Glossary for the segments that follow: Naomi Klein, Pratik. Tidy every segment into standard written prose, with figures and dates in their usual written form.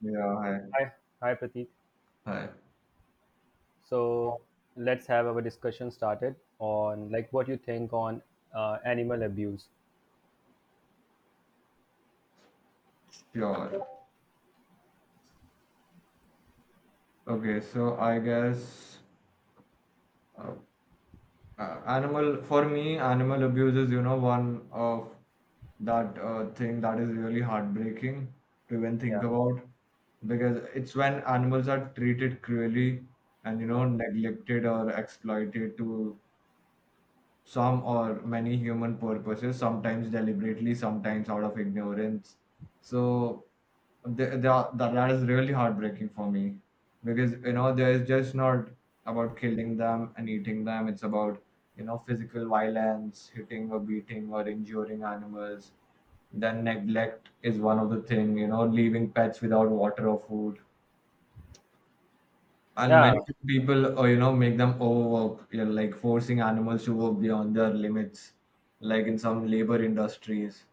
Yeah, hi, Hi, hi, Pratik. hi. So let's have our discussion started on like what you think on animal abuse. Sure. Okay, so I guess uh, animal for me, animal abuse is one of that thing that is really heartbreaking to even think Yeah, about, because it's when animals are treated cruelly and yeah, neglected or exploited to some or many human purposes, sometimes deliberately, sometimes out of ignorance. So the, the, that is really heartbreaking for me, because there is just not about killing them and eating them, it's about physical violence, hitting or beating or injuring animals. Then neglect is one of the thing, leaving pets without water or food, and yeah. many people, or make them overwork, like forcing animals to work beyond their limits, like in some labor industries.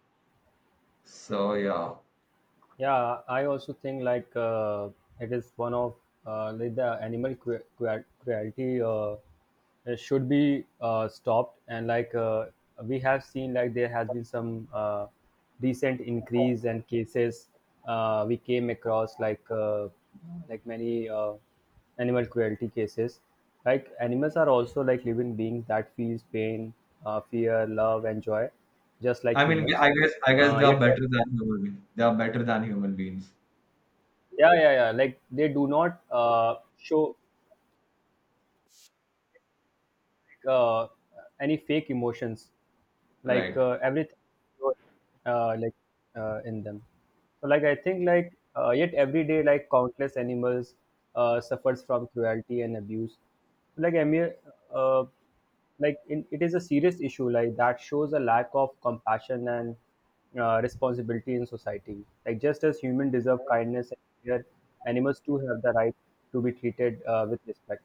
So yeah, Yeah, I also think like it is one of like the animal cruelty it should be stopped, and like we have seen like there has been some recent increase and cases we came across like many animal cruelty cases. Like animals are also like living beings that feels pain, fear, love, and joy, just like I mean, humans. I guess they are Yet better than human. They are better than human beings, yeah, like they do not show uh, any fake emotions like right? Everything like in them. So like I think like yet every day like countless animals suffers from cruelty and abuse. Like I mean, uh, like in, it is a serious issue like that shows a lack of compassion and responsibility in society, like just as humans deserve kindness and care, animals too have the right to be treated with respect.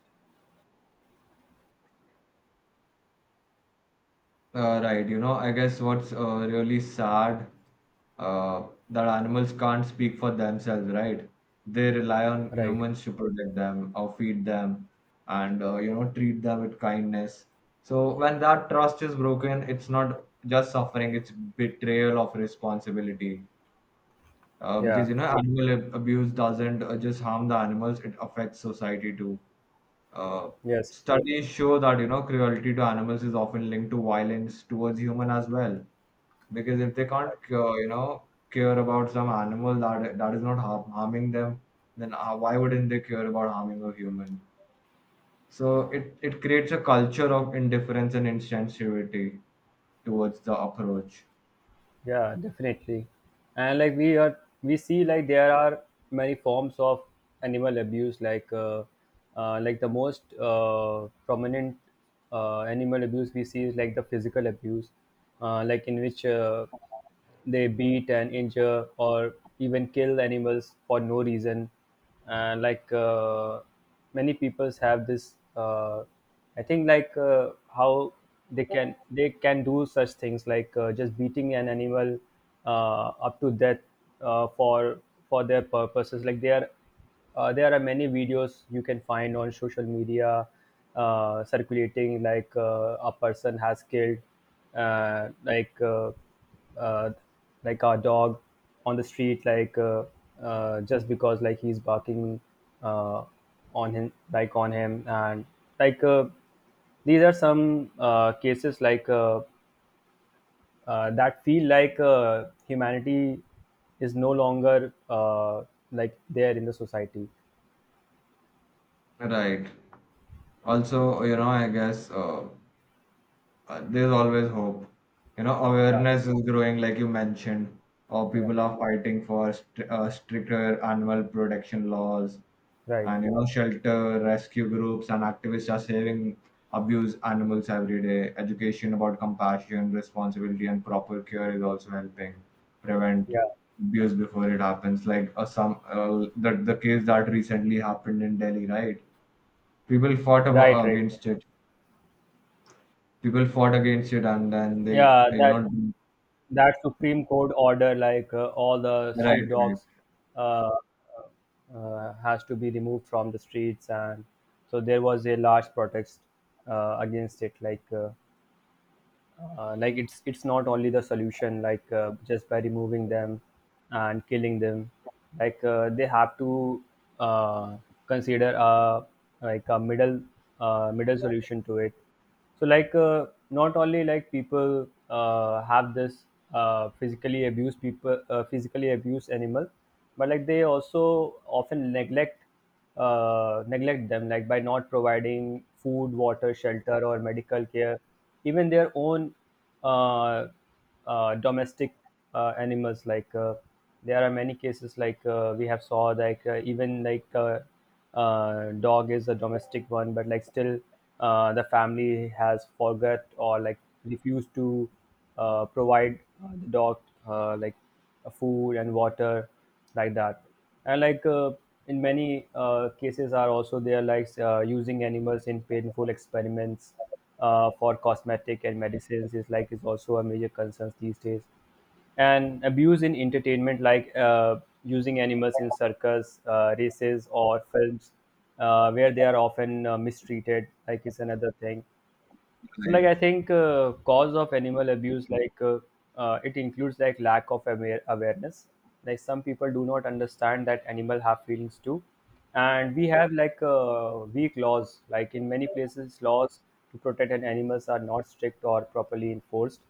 Right, I guess what's really sad, that animals can't speak for themselves, right? They rely on Right, humans to protect them or feed them and, treat them with kindness. So when that trust is broken, it's not just suffering, it's betrayal of responsibility. Because, yeah, animal abuse doesn't just harm the animals, it affects society too. Uh, yes. Studies show that cruelty to animals is often linked to violence towards human as well. Because if they can't care about some animal that is not harming them, then why wouldn't they care about harming a human? So it creates a culture of indifference and insensitivity towards the approach. Yeah, definitely. And like we see like there are many forms of animal abuse. Like the most prominent animal abuse we see is like the physical abuse, like in which they beat and injure or even kill animals for no reason. And like many peoples have this, I think like how they can do such things like just beating an animal up to death uh, for for their purposes. Like they are there are many videos you can find on social media circulating, like a person has killed uh, like uh, uh, like a dog on the street, like just because like he's barking uh, on him like on him. And like these are some cases like that feel like humanity is no longer like there in the society. Right. Also, you know, I guess. There's always hope. You know, Yeah. awareness is growing, like you mentioned, or Yeah, people are fighting for stricter animal protection laws, right. and shelter, rescue groups, and activists are saving abused animals every day. Education about compassion, responsibility, and proper care is also helping prevent Yeah, abuse before it happens. Like some the case that recently happened in Delhi, right? People fought right, about, right. against it. People fought against it, and then they Yeah, you that know that Supreme Court order, like all the right, street right, dogs, uh, has to be removed from the streets, and so there was a large protest against it. Like it's not only the solution, like just by removing them and killing them. Like they have to uh, consider a like a middle middle solution to it. So like not only like people have this physically abuse, people physically abuse animal, but like they also often neglect neglect them, like by not providing food, water, shelter, or medical care, even their own uh, domestic animals. Like there are many cases, like we have saw, like even like dog is a domestic one, but like still the family has forgot or like refused to provide the dog like food and water like that. And like in many cases are also there, like using animals in painful experiments for cosmetic and medicines is like is also a major concern these days. And abuse in entertainment, like using animals in circus races or films where they are often mistreated like is another thing. So, like, right, I think cause of animal abuse, like, it includes like lack of awareness. Like, some people do not understand that animal have feelings too, and we have like weak laws. Like in many places, laws to protect an animals are not strict or properly enforced.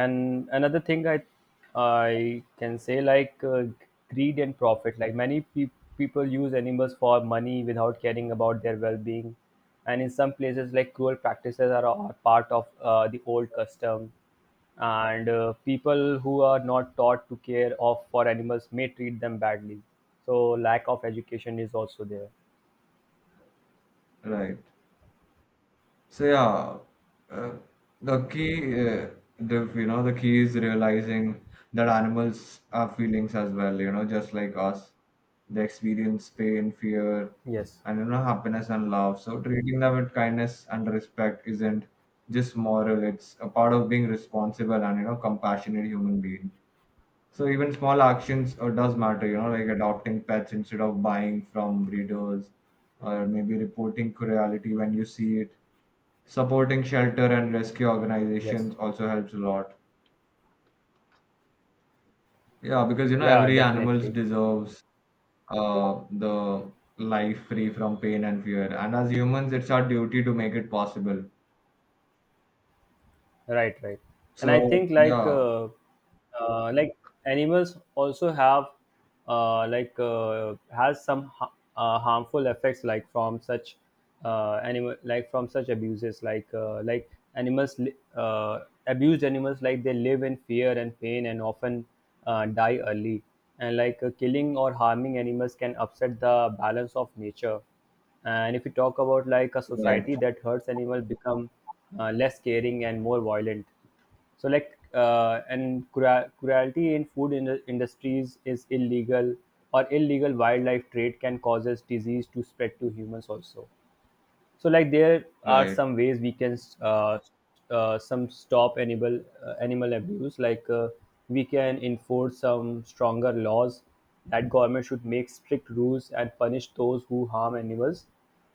And another thing I can say like greed and profit. Like people use animals for money without caring about their well-being. And in some places like cruel practices are part of the old custom, and people who are not taught to care of for animals may treat them badly. So lack of education is also there. right. So yeah, uh, the key, uh, the the key is realizing that animals have feelings as well, just like us. They experience pain, fear, Yes, and happiness and love, so treating them with kindness and respect isn't just moral, it's a part of being responsible and compassionate human being. So even small actions does matter, like adopting pets instead of buying from breeders, or maybe reporting cruelty when you see it. Supporting shelter and rescue yes, organizations also helps a lot. Yeah, because yeah, every animal definitely, deserves the life free from pain and fear, and as humans, it's our duty to make it possible. right, right. And I So think yeah, like animals also have like has some harmful effects like from such animal, like from such abuses, like animals li- uh, abused animals like they live in fear and pain and often die early. And like killing or harming animals can upset the balance of nature. And if we talk about like a right, society that hurts animal become less caring and more violent. So like and cruelty in food industries is illegal, or illegal wildlife trade can causes disease to spread to humans also. So like there are right, some ways we can some stop animal animal abuse. Like we can enforce some stronger laws, that government should make strict rules and punish those who harm animals.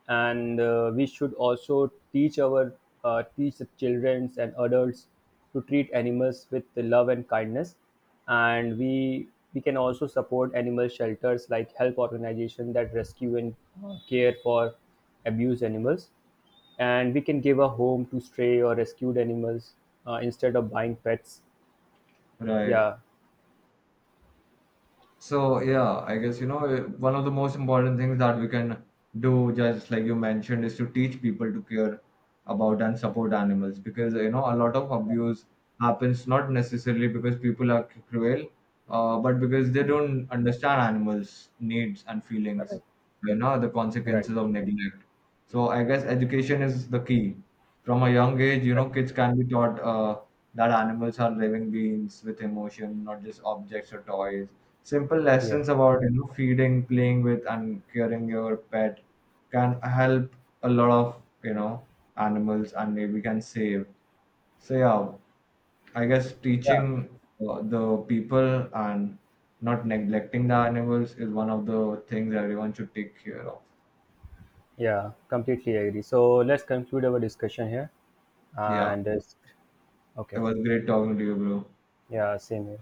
And we should also teach our teach the children and adults to treat animals with the love and kindness. And we can also support animal shelters, like help organization that rescue and care for abuse animals. And we can give a home to stray or rescued animals instead of buying pets. right. Yeah, So yeah, I guess eh, one of the most important things that we can do, just like you mentioned, is to teach people to care about and support animals, because a lot of abuse happens not necessarily because people are cruel, but because they yeah, don't understand animals' needs and feelings. right, You know the right, consequences of neglect. So I guess education is the key. From a young age, right. Kids can be taught that animals are living beings with emotion, not just objects or toys. Simple Yeah, lessons about feeding, playing with, and caring your pet can help a lot of animals, and maybe can save. So yeah, I guess yeah, teaching the people and not neglecting the animals is one of the things everyone should take care of. yeah, completely agree. So let's conclude our discussion here Yeah. and It okay. was great talking to you, bro. Yeah, same here.